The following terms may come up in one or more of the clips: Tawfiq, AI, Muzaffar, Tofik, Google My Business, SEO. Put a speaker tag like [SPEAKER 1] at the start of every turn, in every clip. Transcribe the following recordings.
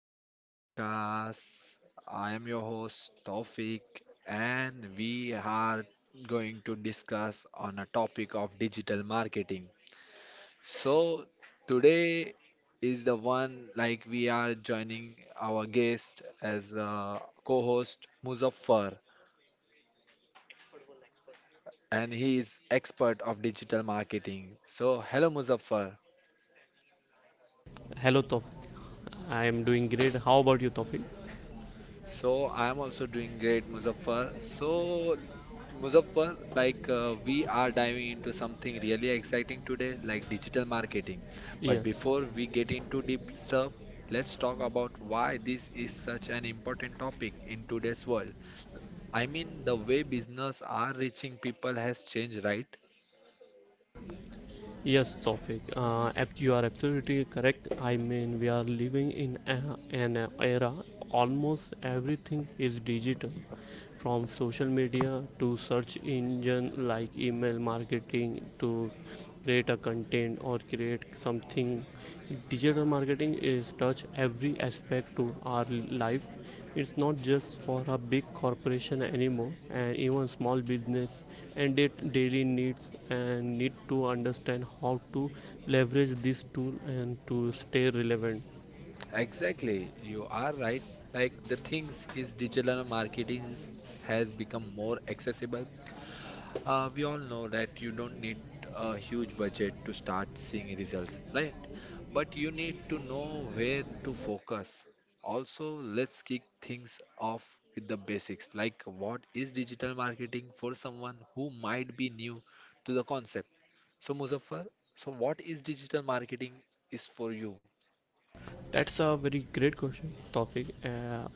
[SPEAKER 1] to my podcast. I am your host, Tofik, and we are going to discuss on a topic of digital marketing. So, today is the one like we are joining our guest as a co-host, Muzaffar, and he is expert of digital marketing. So, hello, Muzaffar.
[SPEAKER 2] Hello, Tawfiq. I am doing great. How about you, Tawfiq?
[SPEAKER 1] So I'm also doing great, Muzaffar. So, Muzaffar, we are diving into something really exciting today, like digital marketing. But
[SPEAKER 2] Yes,
[SPEAKER 1] before we get into deep stuff, let's talk about why this is such an important topic in today's world. I mean, the way business are reaching people has changed, right?
[SPEAKER 2] yes, Tawfiq. You are absolutely correct. I mean, we are living in an era almost everything is digital. From social media to search engine like email marketing, to create a content or create something, digital marketing is touch every aspect to our life. It's not just for a big corporation anymore, and even small business and their daily needs and need to understand how to leverage this tool and to stay relevant.
[SPEAKER 1] Exactly, you are right. Like the things is digital marketing has become more accessible. We all know that you don't need a huge budget to start seeing results, right? But you need to know where to focus. Also, let's kick things off with the basics, like what is digital marketing for someone who might be new to the concept. So, Muzaffar, so what is digital marketing is for you?
[SPEAKER 2] That's a very great question, topic.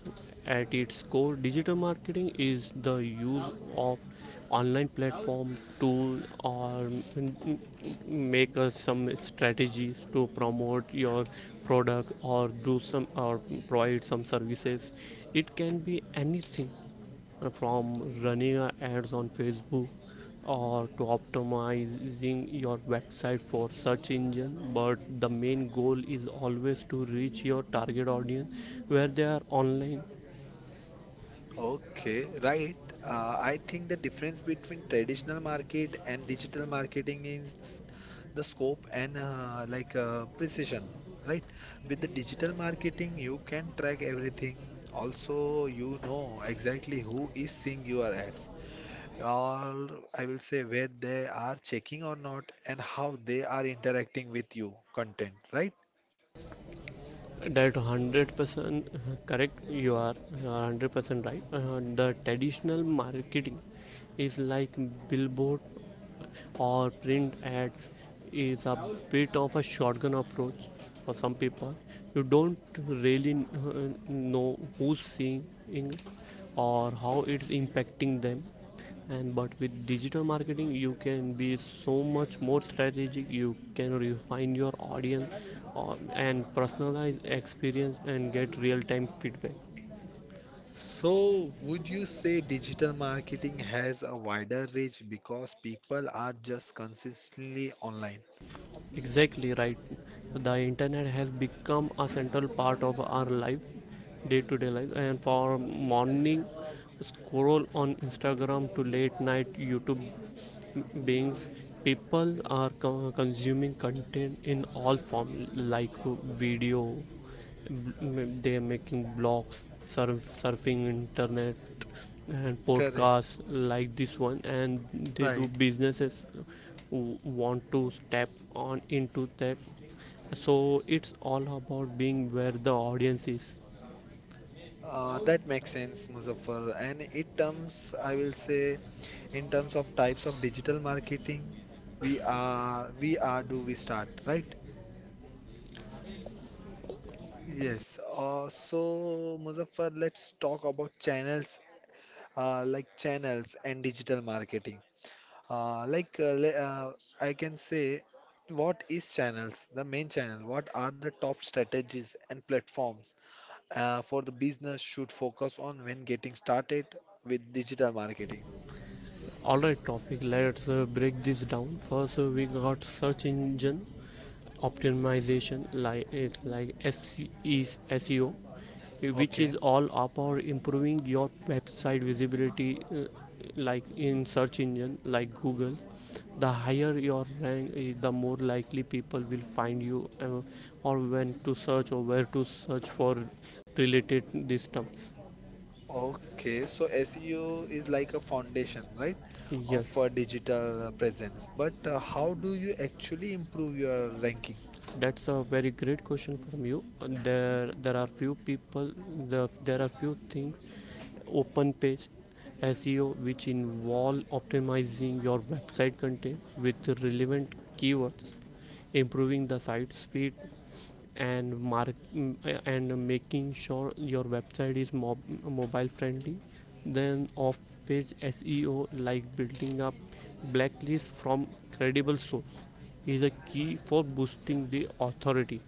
[SPEAKER 2] At its core, digital marketing is the use of online platform tool or m- m- make us some strategies to promote your product or do some or provide some services. It can be anything, from running ads on Facebook or to optimizing your website for search engine, but the main goal is always to reach your target audience where they are online.
[SPEAKER 1] Okay, right. I think the difference between traditional market and digital marketing is the scope and precision, right? With the digital marketing, you can track everything. Also, you know exactly who is seeing your ads, or I will say where they are checking or not, and how they are interacting with you content, right?
[SPEAKER 2] That 100% correct. You are 100% right. The traditional marketing is like billboard or print ads, is a bit of a shotgun approach. For some people, you don't really know who's seeing or how it's impacting them. And but with digital marketing, you can be so much more strategic. You can refine your audience and personalize experience and get real time feedback.
[SPEAKER 1] So, would you say digital marketing has a wider reach because people are just consistently online?
[SPEAKER 2] Exactly right. The internet has become a central part of our life, day to day life. And for morning scroll on Instagram to late night YouTube beings, people are consuming content in all form, like video. They making blogs, surfing internet, and
[SPEAKER 1] Correct.
[SPEAKER 2] podcasts like this one, and they do
[SPEAKER 1] Right.
[SPEAKER 2] businesses who want to step on into that. So it's all about being where the audience is.
[SPEAKER 1] That makes sense, Muzaffar. And it terms, I will say, in terms of types of digital marketing, we are, do we start, right? Yes. So, Muzaffar, let's talk about channels, like channels and digital marketing. Uh, like uh, le- uh, I can say, what is channels? The main channel. What are the top strategies and platforms for the business should focus on when getting started with digital marketing?
[SPEAKER 2] Alright, topic. Let's break this down. First, we got search engine optimization, like it's like SC, which
[SPEAKER 1] Okay,
[SPEAKER 2] is all about improving your website visibility, like in search engine like Google. The higher your rank is, the more likely people will find you, or when to search or where to search for related these terms.
[SPEAKER 1] okay. So SEO is like a foundation, right, of
[SPEAKER 2] Yes,
[SPEAKER 1] digital presence. But how do you actually improve your ranking?
[SPEAKER 2] that's a very great question from you. There are few people, there are few things. Open page SEO, which involve optimizing your website content with relevant keywords, improving the site speed, and mark and making sure your website is mobile friendly. Then off-page SEO, like building up blacklist from credible source, is a key for boosting the authority.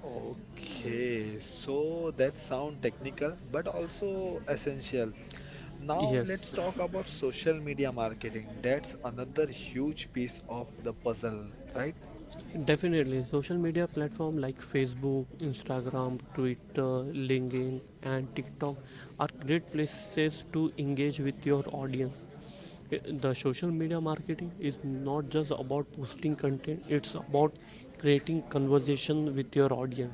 [SPEAKER 1] Okay, so that sound technical but also essential. Now
[SPEAKER 2] Yes.
[SPEAKER 1] let's talk about social media marketing. That's another huge piece of the puzzle, right?
[SPEAKER 2] Definitely, social media platform like Facebook, Instagram, Twitter, LinkedIn, and TikTok are great places to engage with your audience. The social media marketing is not just about posting content, it's about creating conversation with your audience.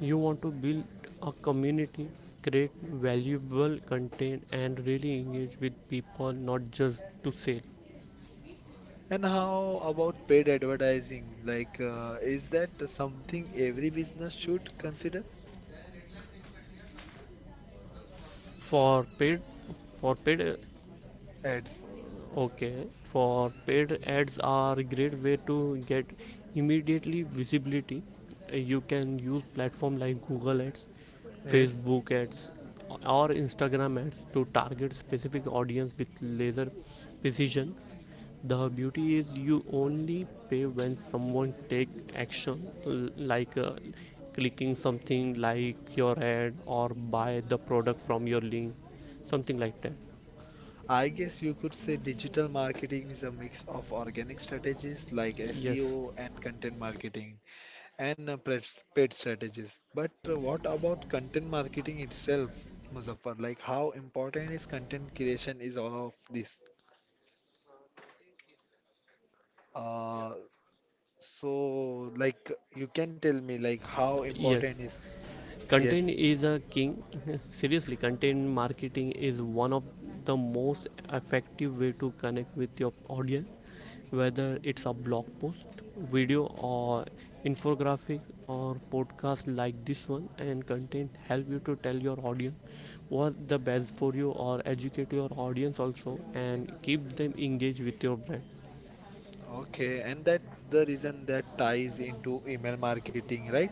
[SPEAKER 2] You want to build a community, create valuable content, and really engage with people, not just to sell.
[SPEAKER 1] And how about paid advertising? Like, is that something every business should consider?
[SPEAKER 2] For paid for paid uh,
[SPEAKER 1] Ads.
[SPEAKER 2] okay, for paid ads are a great way to get immediately visibility. You can use platform like Google Ads,
[SPEAKER 1] Yes.
[SPEAKER 2] Facebook Ads, or Instagram Ads to target specific audience with laser precision. The beauty is you only pay when someone take action, like clicking something like your ad or buy the product from your link, something like that.
[SPEAKER 1] I guess you could say digital marketing is a mix of organic strategies like
[SPEAKER 2] Yes,
[SPEAKER 1] SEO and content marketing and uh, paid strategies. But what about content marketing itself, Muzaffar? Like, how important is content creation is all of this? Uh, so like you can tell me like how
[SPEAKER 2] yes.
[SPEAKER 1] important is
[SPEAKER 2] Content
[SPEAKER 1] yes.
[SPEAKER 2] is a king. Seriously, content marketing is one of the most effective way to connect with your audience, whether it's a blog post, video, or infographic, or podcast like this one. And content help you to tell your audience what's the best for you, or educate your audience also, and keep them engaged with your brand.
[SPEAKER 1] Okay, and that the reason that ties into email marketing, right?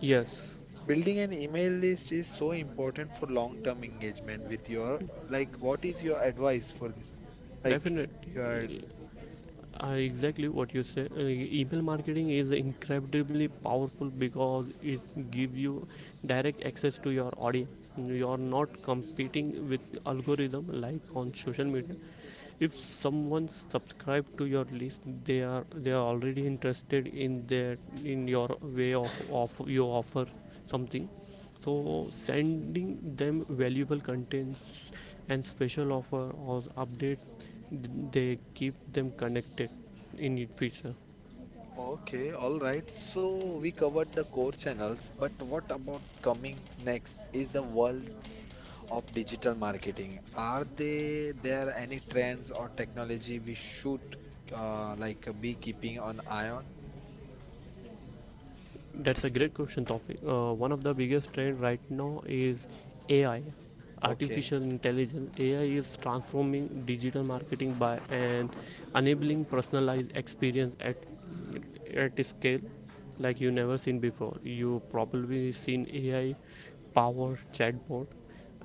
[SPEAKER 2] Yes,
[SPEAKER 1] Building an email list is so important for long-term engagement with your like what is your advice for this? Like
[SPEAKER 2] definitely.
[SPEAKER 1] your
[SPEAKER 2] Exactly what you say. Email marketing is incredibly powerful because it gives you direct access to your audience. You are not competing with algorithm like on social media. If someone subscribe to your list, they are already interested in their, in your way of you offer something. So sending them valuable content and special offer or update, they keep them connected in it future.
[SPEAKER 1] okay, all right. So we covered the core channels, but what about coming next is the worlds of digital marketing. Are they there any trends or technology we should like be keeping an eye on?
[SPEAKER 2] That's a great question, Topic. One of the biggest trend right now is AI,
[SPEAKER 1] Okay.
[SPEAKER 2] artificial intelligence. AI is transforming digital marketing by and enabling personalized experience at a scale like you never seen before. You probably seen AI powered chatbot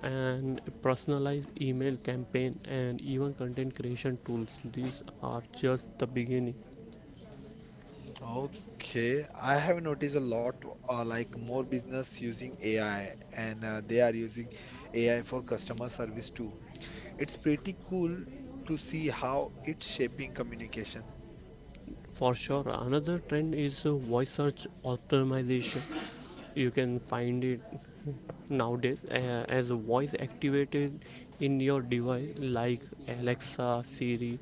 [SPEAKER 2] and personalized email campaign and even content creation tools. These are just the beginning.
[SPEAKER 1] Okay, I have noticed a lot more business using AI and they are using AI for customer service too. It's pretty cool to see how it's shaping communication.
[SPEAKER 2] For sure, another trend is voice search optimization. You can find it nowadays, as a voice activated in your device like Alexa, Siri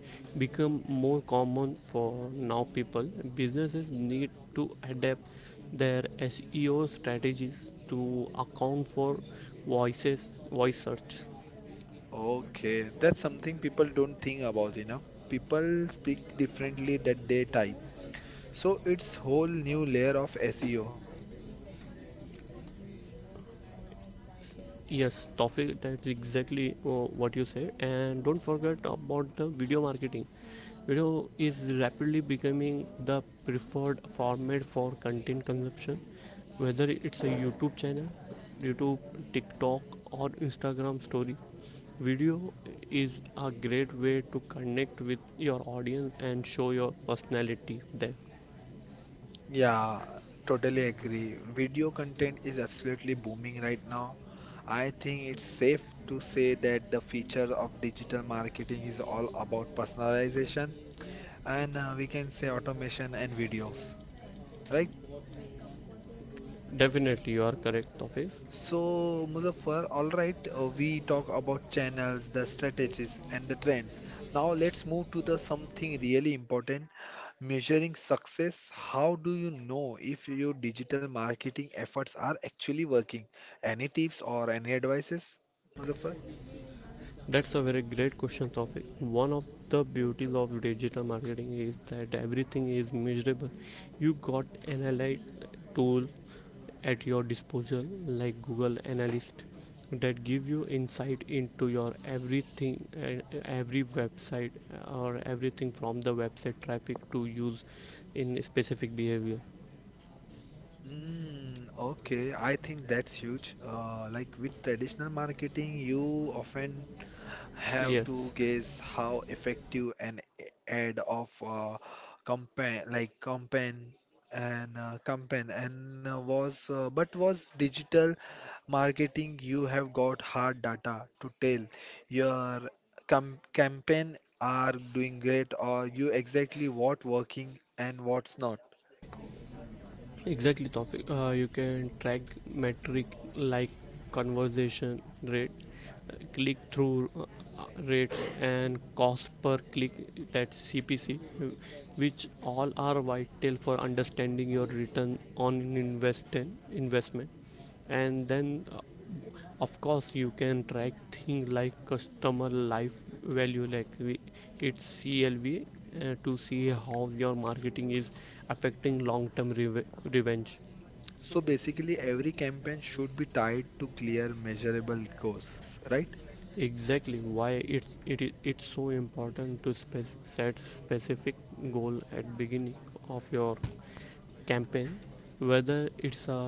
[SPEAKER 2] become more common. For now, people, businesses need to adapt their SEO strategies to account for voice search.
[SPEAKER 1] Okay, that's something people don't think about enough. People speak differently that they type. So it's whole new layer of SEO.
[SPEAKER 2] Yes, Tawfiq, that's exactly what you said. And don't forget about the video marketing. Video is rapidly becoming the preferred format for content consumption, whether it's a YouTube channel, YouTube, TikTok, or Instagram story. Video is a great way to connect with your audience and show your personality there.
[SPEAKER 1] Yeah, totally agree. Video content is absolutely booming right now. I think it's safe to say that the feature of digital marketing is all about personalization and we can say automation and videos, right?
[SPEAKER 2] Definitely, you are correct, Tawfiq.
[SPEAKER 1] So, Muzaffar, all right, we talk about channels, the strategies, and the trends. Now, let's move to the something really important, measuring success. How do you know if your digital marketing efforts are actually working? Any tips or any advices, Muzaffar?
[SPEAKER 2] That's a very great question, Tawfiq. One of the beauties of digital marketing is that everything is measurable. You got analyze tool at your disposal like Google Analyst, that give you insight into your everything and every website, or everything from the website traffic to use in specific behavior.
[SPEAKER 1] Hmm. Okay, I think that's huge. Like with traditional marketing, you often have
[SPEAKER 2] Yes.
[SPEAKER 1] to guess how effective an ad of campaign like campaign and campaign and was but was digital marketing you have got hard data to tell your campaign are doing great or you exactly what working and what's not.
[SPEAKER 2] Exactly, topic. You can track metric like conversation rate, click through rates, and cost per click. That's CPC, uh, which all are vital for understanding your return on investment. And then, of course, you can track things like customer life value, like its CLV, to see how your marketing is affecting long term revenge.
[SPEAKER 1] So basically every campaign should be tied to clear measurable goals, right?
[SPEAKER 2] Exactly. Why it's it is it's so important to set specific goal at beginning of your campaign, whether it's a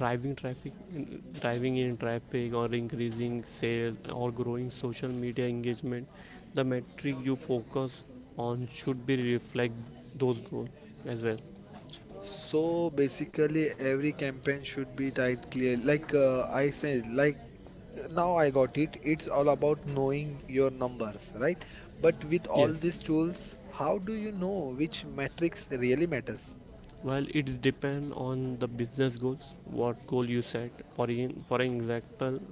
[SPEAKER 2] driving in traffic, or increasing sale, or growing social media engagement. The metric you focus on should be reflect those goals as well.
[SPEAKER 1] So basically, every campaign should be tied clear. I said, like now I got it. It's all about knowing your numbers, right? But with all these tools, how do you know which metrics really matters?
[SPEAKER 2] Well, it depends on the business goals, what goal you set. For example,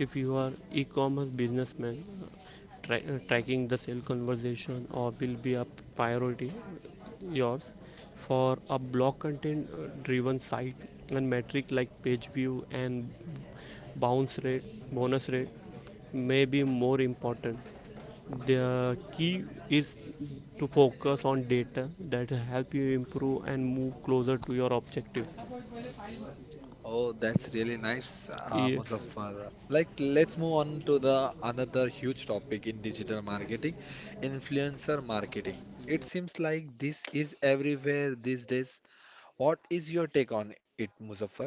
[SPEAKER 2] if you are e-commerce businessman, tracking the sale conversation or will be a priority yours. For a blog content driven site, and metric like page view and bounce rate, bonus rate may be more important. The key is to focus on data that help you improve and move closer to your objective.
[SPEAKER 1] Oh, that's really nice,
[SPEAKER 2] Yes,
[SPEAKER 1] Muzaffar. Like, let's move on to the another huge topic in digital marketing, influencer marketing. It seems like this is everywhere these days. What is your take on it, Muzaffar?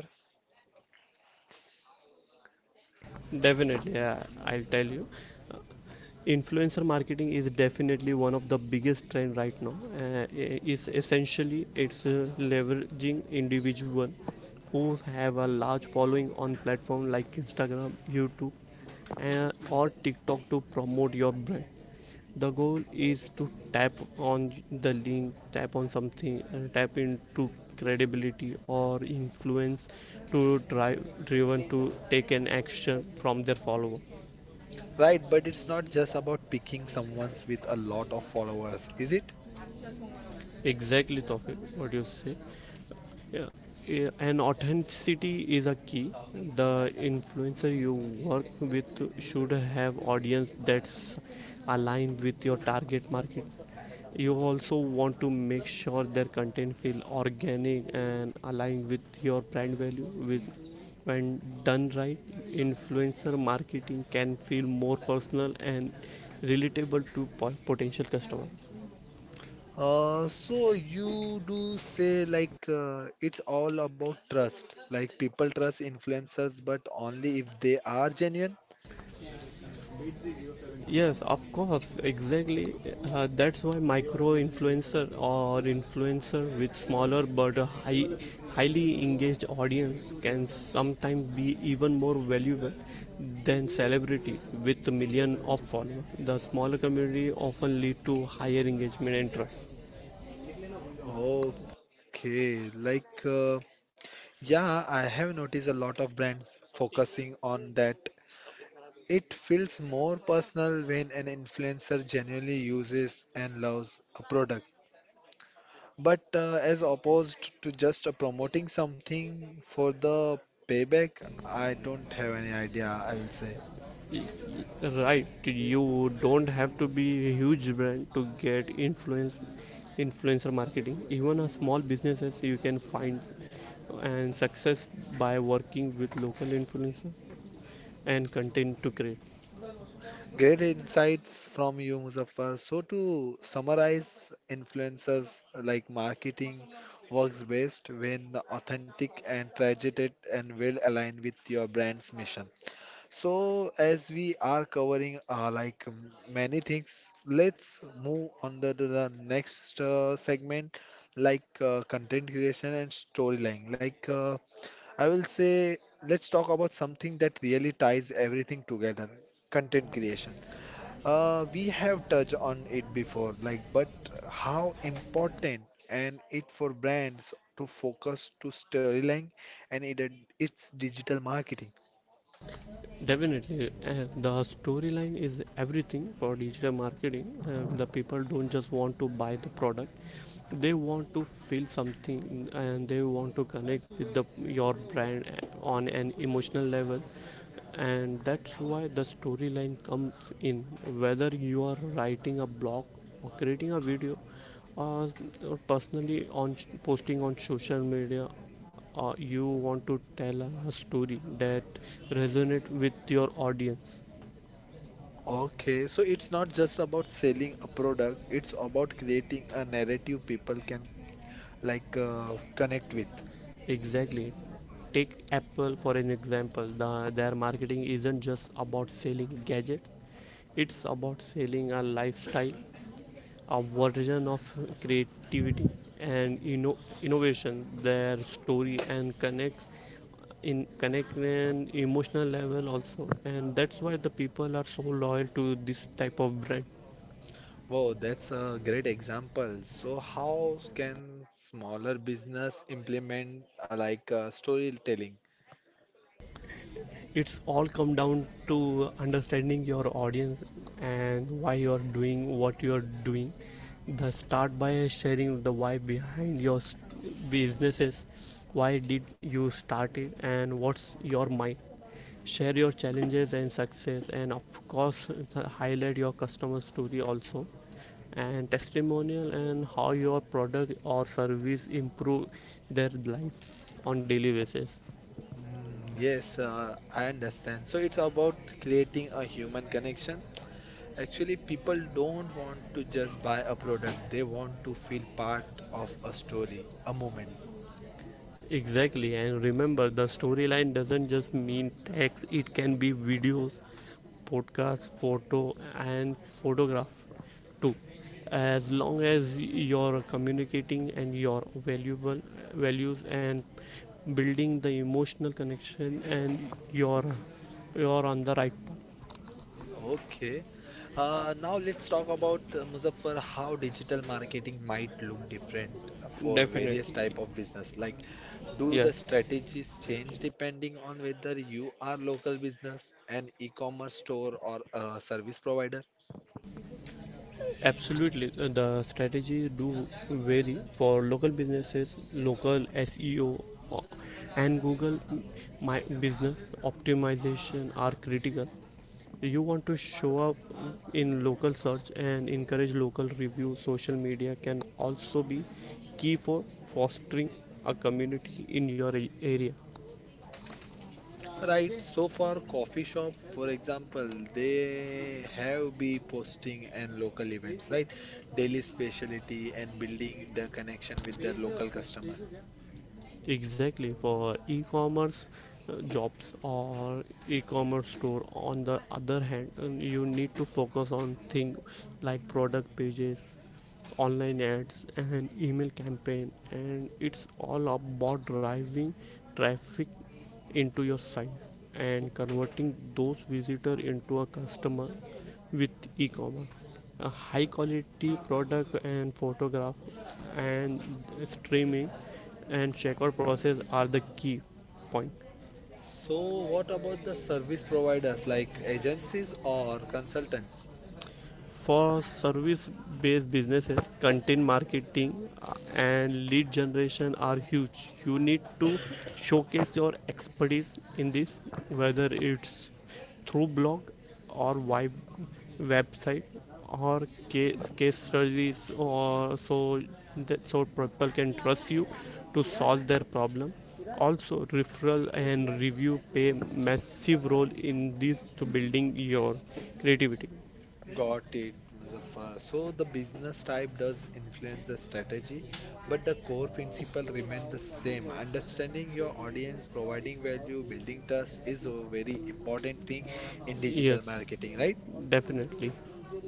[SPEAKER 2] definitely. I'll tell you. Influencer marketing is definitely one of the biggest trend right now. Is essentially it's leveraging individual who have a large following on platform like Instagram, YouTube, or TikTok to promote your brand. The goal is to tap on the link, tap on something, and tap into credibility or influence to driven to take an action from their follower.
[SPEAKER 1] Right, but it's not just about picking someone's with a lot of followers, is it?
[SPEAKER 2] Exactly, Tawfiq, what you say. Yeah, yeah, and authenticity is a key. The influencer you work with should have audience that's aligned with your target market. You also want to make sure their content feel organic and aligned with your brand value. With, when done right, influencer marketing can feel more personal and relatable to potential customer.
[SPEAKER 1] So you do say like it's all about trust. Like people trust influencers, but only if they are genuine.
[SPEAKER 2] Yes, of course, exactly. That's why micro influencer or influencer with smaller but a highly engaged audience can sometimes be even more valuable than celebrity with million of followers. The smaller community often lead to higher engagement and trust.
[SPEAKER 1] Okay, yeah, I have noticed a lot of brands focusing on that. It feels more personal when an influencer genuinely uses and loves a product. But as opposed to just promoting something for the payback, I don't have any idea, I will say.
[SPEAKER 2] Right, you don't have to be a huge brand to get influencer marketing. Even a small businesses, you can find and success by working with local influencer and content to create.
[SPEAKER 1] Great insights from you, Muzaffar. So, to summarize, influencers marketing works best when authentic and targeted and well aligned with your brand's mission. So, as we are covering many things, let's move on to the next segment, content creation and storyline. I will say, let's talk about something that really ties everything together, content creation. We have touched on it before, like, but how important and it for brands to focus to storyline and it, its digital marketing.
[SPEAKER 2] Definitely, the storyline is everything for digital marketing. The people don't just want to buy the product, they want to feel something, and they want to connect with the, your brand on an emotional level. And that's why the storyline comes in. Whether you are writing a blog, or creating a video, or, or personally on posting on social media, you want to tell a story that resonate with your audience.
[SPEAKER 1] Okay, so it's not just about selling a product, it's about creating a narrative people can connect with.
[SPEAKER 2] Exactly. Take Apple for an example. Their marketing isn't just about selling gadgets, it's about selling a lifestyle, a version of creativity and innovation. Their story and connects in connect an emotional level also, and that's why the people are so loyal to this type of brand.
[SPEAKER 1] Wow, that's a great example. So how can smaller business implement storytelling?
[SPEAKER 2] It's all come down to understanding your audience and why you are doing what you are doing. The start by sharing the why behind your businesses. Why did you start it and what's your mind? Share your challenges and success, and of course highlight your customer story also, and testimonial, and how your product or service improve their life on daily basis.
[SPEAKER 1] Mm, yes, I understand. So it's about creating a human connection. Actually, people don't want to just buy a product, they want to feel part of a story, a moment.
[SPEAKER 2] Exactly, and remember the storyline doesn't just mean text. It can be videos, podcast, photo, and photograph too. As long as you're communicating and your valuable values and building the emotional connection, and you're on the right
[SPEAKER 1] Okay. Now let's talk about Muzaffar, how digital marketing might look different
[SPEAKER 2] path.
[SPEAKER 1] for various
[SPEAKER 2] Definitely.
[SPEAKER 1] type of business. Like, do the
[SPEAKER 2] Yes.
[SPEAKER 1] strategies change depending on whether you are local business, an e-commerce store, or a service provider?
[SPEAKER 2] Absolutely, the strategies do vary for local businesses. Local SEO, uh, and Google My Business optimization are critical. You want to show up in local search and encourage local reviews. Social media can also be key for fostering a community in your area.
[SPEAKER 1] Right. So for coffee shop, for example, they have be posting and local events, right? Daily specialty and building the connection with their local customer.
[SPEAKER 2] Exactly. For e-commerce jobs or e-commerce store on the other hand, you need to focus on things like product pages, online ads and email campaign, and it's all about driving traffic into your site and converting those visitor into a customer. With e-commerce, a high quality product and photograph and streaming and checkout process are the key point.
[SPEAKER 1] So, what about the service providers like agencies or consultants?
[SPEAKER 2] For service based businesses, content marketing and lead generation are huge. You need to showcase your expertise in this, whether it's through blog or web website or case studies or so that so people can trust you to solve their problem. Also referral and review play massive role in this to building your creativity.
[SPEAKER 1] Got it, Muzaffar. So, the business type does influence the strategy, but the core principle remain the same. Understanding your audience, providing value, building trust is a very important thing in digital
[SPEAKER 2] Yes.
[SPEAKER 1] marketing, right?
[SPEAKER 2] Definitely.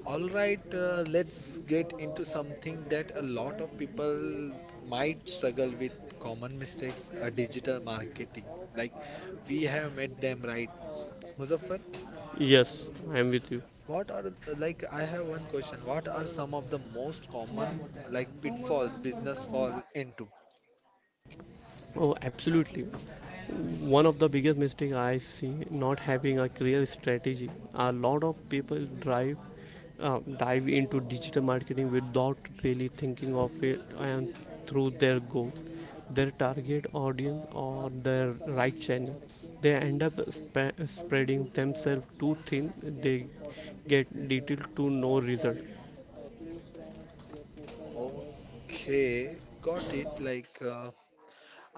[SPEAKER 1] All right, let's get into something that a lot of people might struggle with common mistakes, digital marketing. Like we have made them right. Muzaffar,
[SPEAKER 2] Yes, I am with you.
[SPEAKER 1] what are like I have one question. What are some of the most common like pitfalls business fall into?
[SPEAKER 2] Oh, absolutely. One of the biggest mistake I see, not having a clear strategy. A lot of people drive dive into digital marketing without really thinking of it and through their goals, their target audience or their right channel. They end up spreading themselves too thin. They get detailed to no result.
[SPEAKER 1] Okay, got it.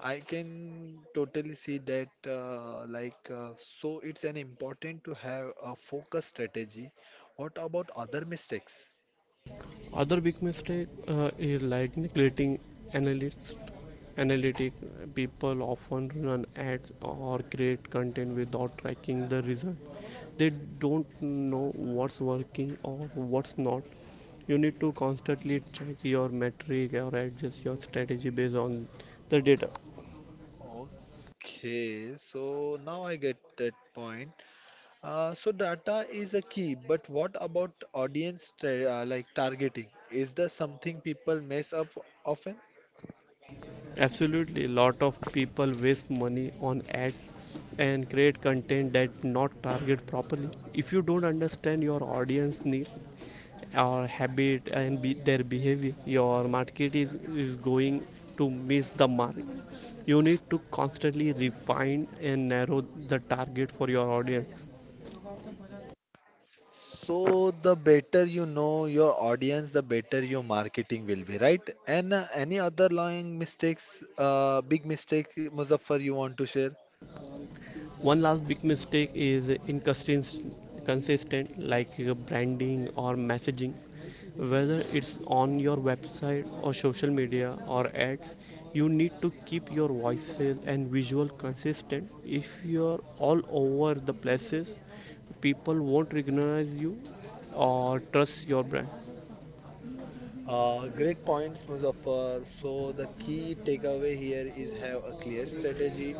[SPEAKER 1] I can totally see that, so it's an important to have a focus strategy. What about other mistakes?
[SPEAKER 2] Other big mistake is like neglecting analytics. Analytic, people often run ads or create content without tracking the result. They don't know what's working or what's not. You need to constantly check your metric or adjust your strategy based on the data.
[SPEAKER 1] Okay, so now I get that point. So data is a key, but what about audience, targeting? Is there something people mess up often?
[SPEAKER 2] Absolutely, a lot of people waste money on ads and create content that not target properly. If you don't understand your audience need or habit and be, their behavior, your market is going to miss the mark. You need to constantly refine and narrow the target for your audience.
[SPEAKER 1] So the better you know your audience, the better your marketing will be, right? And any other lying mistakes, big mistake, Muzaffar, you want to share?
[SPEAKER 2] One last big mistake is inconsistent, like branding or messaging. Whether it's on your website or social media or ads, you need to keep your voices and visual consistent. If you're all over the places, people won't recognize you or trust your brand.
[SPEAKER 1] Great points, Muzaffar. So the key takeaway here is have a clear strategy,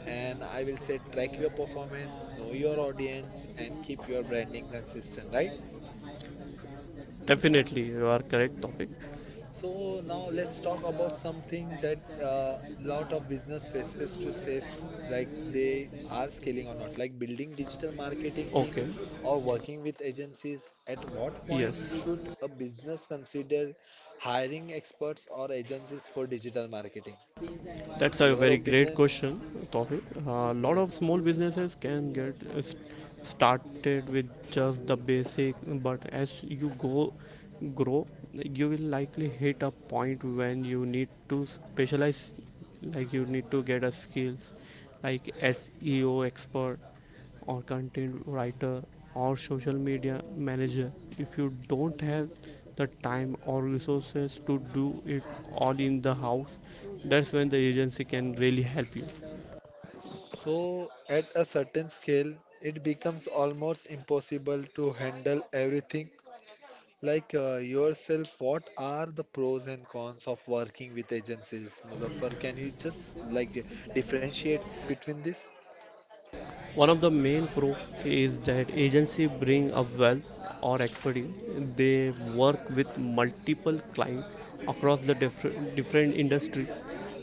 [SPEAKER 1] and I will say track your performance, know your audience, and keep your branding consistent, right?
[SPEAKER 2] Definitely, you are correct, topic.
[SPEAKER 1] So now let's talk about something that a lot of business faces to say they are scaling or not, like building digital marketing team
[SPEAKER 2] Okay,
[SPEAKER 1] or working with agencies. At what point
[SPEAKER 2] yes.
[SPEAKER 1] should a business consider hiring experts or agencies for digital marketing?
[SPEAKER 2] That's a
[SPEAKER 1] Your
[SPEAKER 2] very great
[SPEAKER 1] opinion?
[SPEAKER 2] question, topic. A lot
[SPEAKER 1] Yes.
[SPEAKER 2] of small businesses can get started with just the basic, but as you go grow, you will likely hit a point when you need to specialize. Like you need to get a skills like SEO expert or content writer or social media manager. If you don't have the time or resources to do it all in the house, that's when the agency can really help you.
[SPEAKER 1] So, at a certain scale, it becomes almost impossible to handle everything. Yourself, what are the pros and cons of working with agencies, Muzaffar? Can you just like differentiate between this?
[SPEAKER 2] One of the main pro is that agency bring a wealth or expertise. They work with multiple clients across the different industries.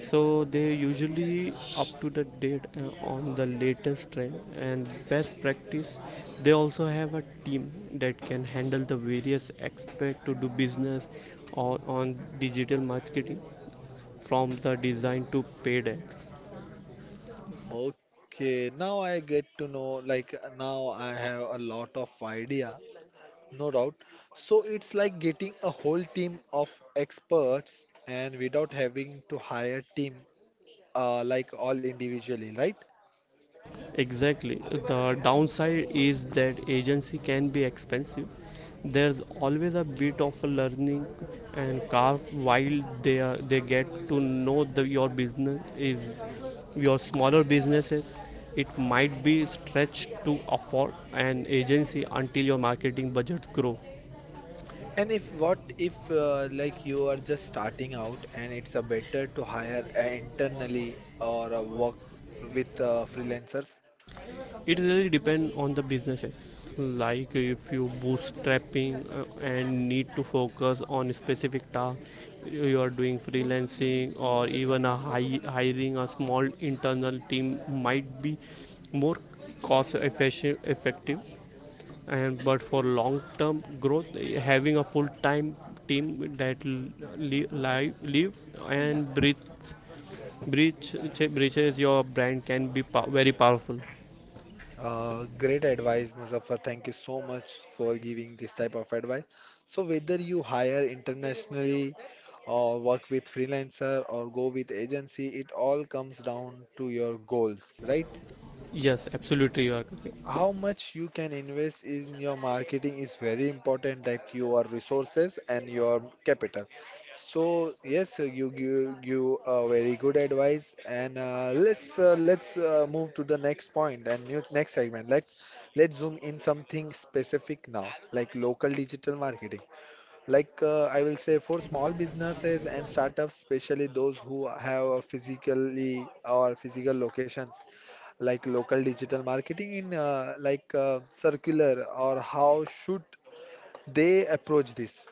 [SPEAKER 2] So they usually up to the date on the latest trend and best practice. They also have a team that can handle the various aspect to do business or on digital marketing, from the design to paid ads.
[SPEAKER 1] Okay, now I get to know, like now I have a lot of idea, no doubt. So it's like getting a whole team of experts and without having to hire team all individually, right?
[SPEAKER 2] Exactly. The downside is that agency can be expensive. There's always a bit of a learning and curve while they get to know the, your business is your smaller businesses. It might be stretched to afford an agency until your marketing budgets grow.
[SPEAKER 1] And if what if like you are just starting out and it's a better to hire internally or work with freelancers?
[SPEAKER 2] It really depends on the businesses. Like if you bootstrapping and need to focus on specific task, you are doing freelancing or even a hiring a small internal team might be more effective. And but for long term growth, eh, having a full time team that live and breach, breaches your brand can be very powerful.
[SPEAKER 1] Great advice, Muzaffar. Thank you so much for giving this type of advice. So whether you hire internationally or work with freelancer or go with agency, it all comes down to your goals, right?
[SPEAKER 2] Yes, absolutely, you are correct.
[SPEAKER 1] How much you can invest in your marketing is very important, like your resources and your capital. So yes, you give you a very good advice, and let's move to the next point and new, next segment. Let's zoom in something specific now, like local digital marketing. I will say for small businesses and startups, especially those who have a physically or physical locations like local digital marketing in circular or how should they approach this?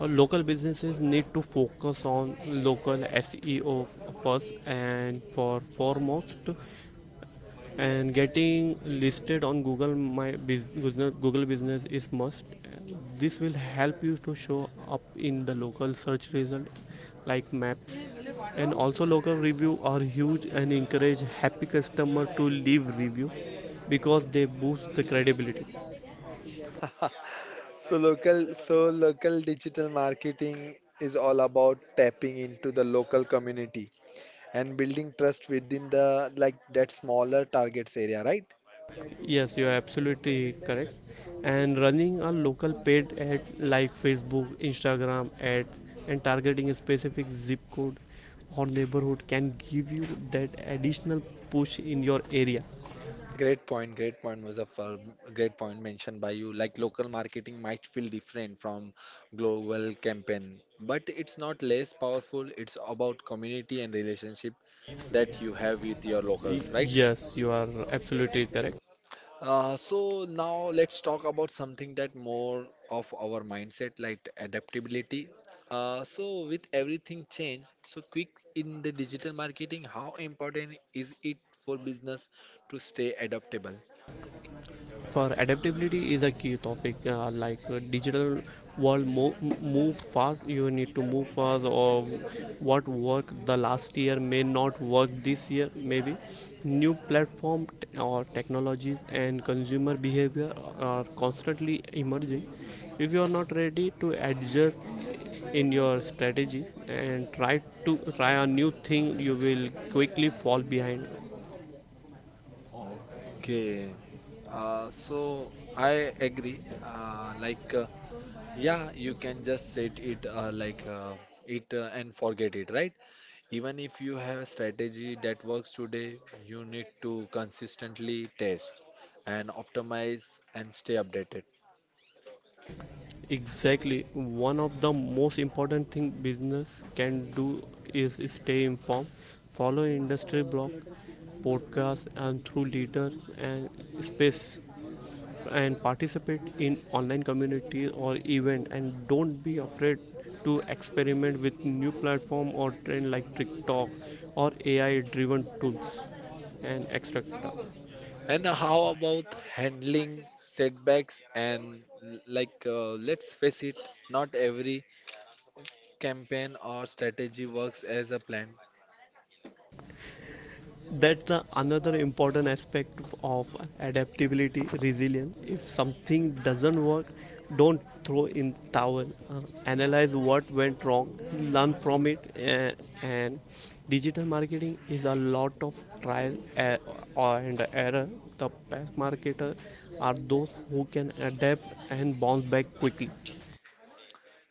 [SPEAKER 2] Local businesses need to focus on local SEO first and for foremost, and getting listed on Google Business is must. This will help you to show up in the local search result like maps, and also local review are huge and encourage happy customer to leave review because they boost the credibility.
[SPEAKER 1] So local digital marketing is all about tapping into the local community and building trust within the like that smaller targets area, right?
[SPEAKER 2] Yes, you are absolutely correct. And running a local paid ad like Facebook, Instagram ads, and targeting a specific zip code or neighborhood can give you that additional push in your area.
[SPEAKER 1] Great point, Muzaffar. Great point mentioned by you. Like local marketing might feel different from global campaign, but it's not less powerful. It's about community and relationship that you have with your
[SPEAKER 2] Y-
[SPEAKER 1] locals, right?
[SPEAKER 2] Yes, you are absolutely correct.
[SPEAKER 1] So now let's talk about something that more of our mindset, like adaptability. So with everything changed, so quick in the digital marketing, how important is it for business to stay adaptable?
[SPEAKER 2] For adaptability is a key topic, digital world move fast. You need to move fast, or what worked the last year may not work this year. Maybe new platform or technologies and consumer behavior are constantly emerging. If you are not ready to adjust in your strategies and try a new thing, you will quickly fall behind.
[SPEAKER 1] Okay. So I agree. Yeah, you can just set it and forget it, right? Even if you have a strategy that works today, you need to consistently test and optimize and stay updated.
[SPEAKER 2] Exactly. One of the most important thing business can do is stay informed, follow industry blog, podcasts, and through leaders and space, and participate in online community or event. And don't be afraid to experiment with new platform or trend like TikTok or AI-driven tools and etc.
[SPEAKER 1] And how about handling setbacks and let's face it, not every campaign or strategy works as a plan.
[SPEAKER 2] That's the another important aspect of adaptability resilience. If something doesn't work, don't throw in towel. Analyze what went wrong, learn from it, and digital marketing is a lot of trial, and error. The best marketers are those who can adapt and bounce back quickly.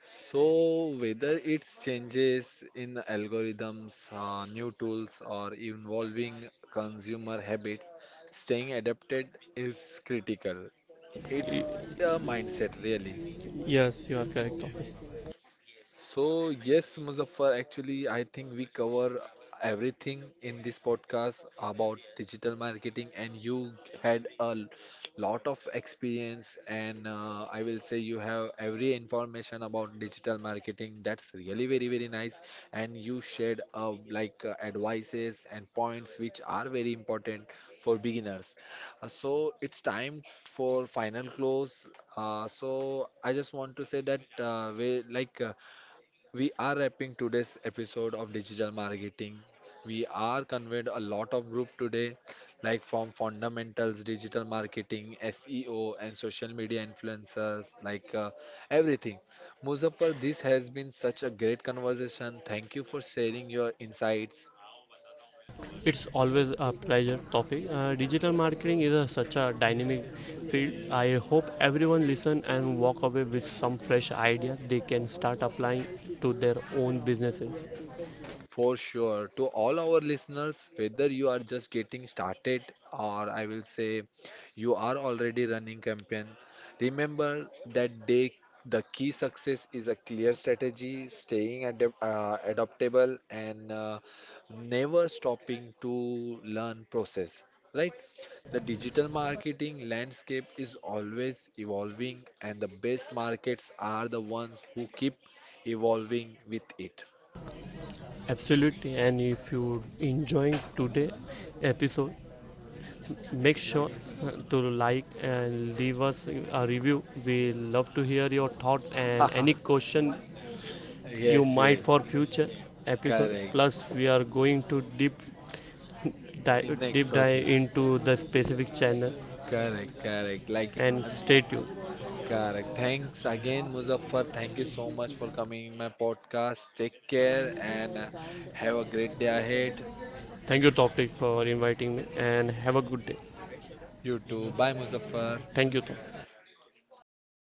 [SPEAKER 1] So, whether it's changes in algorithms, new tools, or evolving consumer habits, staying adapted is critical.
[SPEAKER 2] Y-
[SPEAKER 1] It's a mindset, really.
[SPEAKER 2] yes, you are correct, Thomas.
[SPEAKER 1] So, yes, Muzaffar, actually, I think we cover everything in this podcast about digital marketing, and you had a lot of experience, and I will say you have every information about digital marketing. That's really very, very nice. And you shared advices and points which are very important for beginners. It's time for final close. I just want to say that we like. We are wrapping today's episode of digital marketing. We are convened a lot of group today, like from fundamentals, digital marketing, SEO, and social media influencers, everything. Muzaffar, this has been such a great conversation. Thank you for sharing your insights.
[SPEAKER 2] It's always a pleasure, topic. Digital marketing is a, such a dynamic field. I hope everyone listen and walk away with some fresh idea they can start applying to their own businesses.
[SPEAKER 1] For sure. To all our listeners, whether you are just getting started or I will say you are already running campaign, remember that day the key success is a clear strategy, staying adaptable and never stopping to learn process, right? The digital marketing landscape is always evolving and the best markets are the ones who keep evolving with it.
[SPEAKER 2] Absolutely. And if you enjoying today episode, make sure to like and leave us a review. We love to hear your thoughts and any question you
[SPEAKER 1] Yes,
[SPEAKER 2] might
[SPEAKER 1] yes.
[SPEAKER 2] for future episode.
[SPEAKER 1] Correct.
[SPEAKER 2] Plus, we are going to
[SPEAKER 1] In next
[SPEAKER 2] deep dive
[SPEAKER 1] protein.
[SPEAKER 2] into the specific channel
[SPEAKER 1] Correct, correct.
[SPEAKER 2] and stay tuned.
[SPEAKER 1] Correct. Thanks again, Muzaffar. Thank you so much for coming in my podcast. Take care and have a great day ahead.
[SPEAKER 2] Thank you, Topic, for inviting me and have a good day.
[SPEAKER 1] You too. Bye, Muzaffar.
[SPEAKER 2] Thank you, Topic.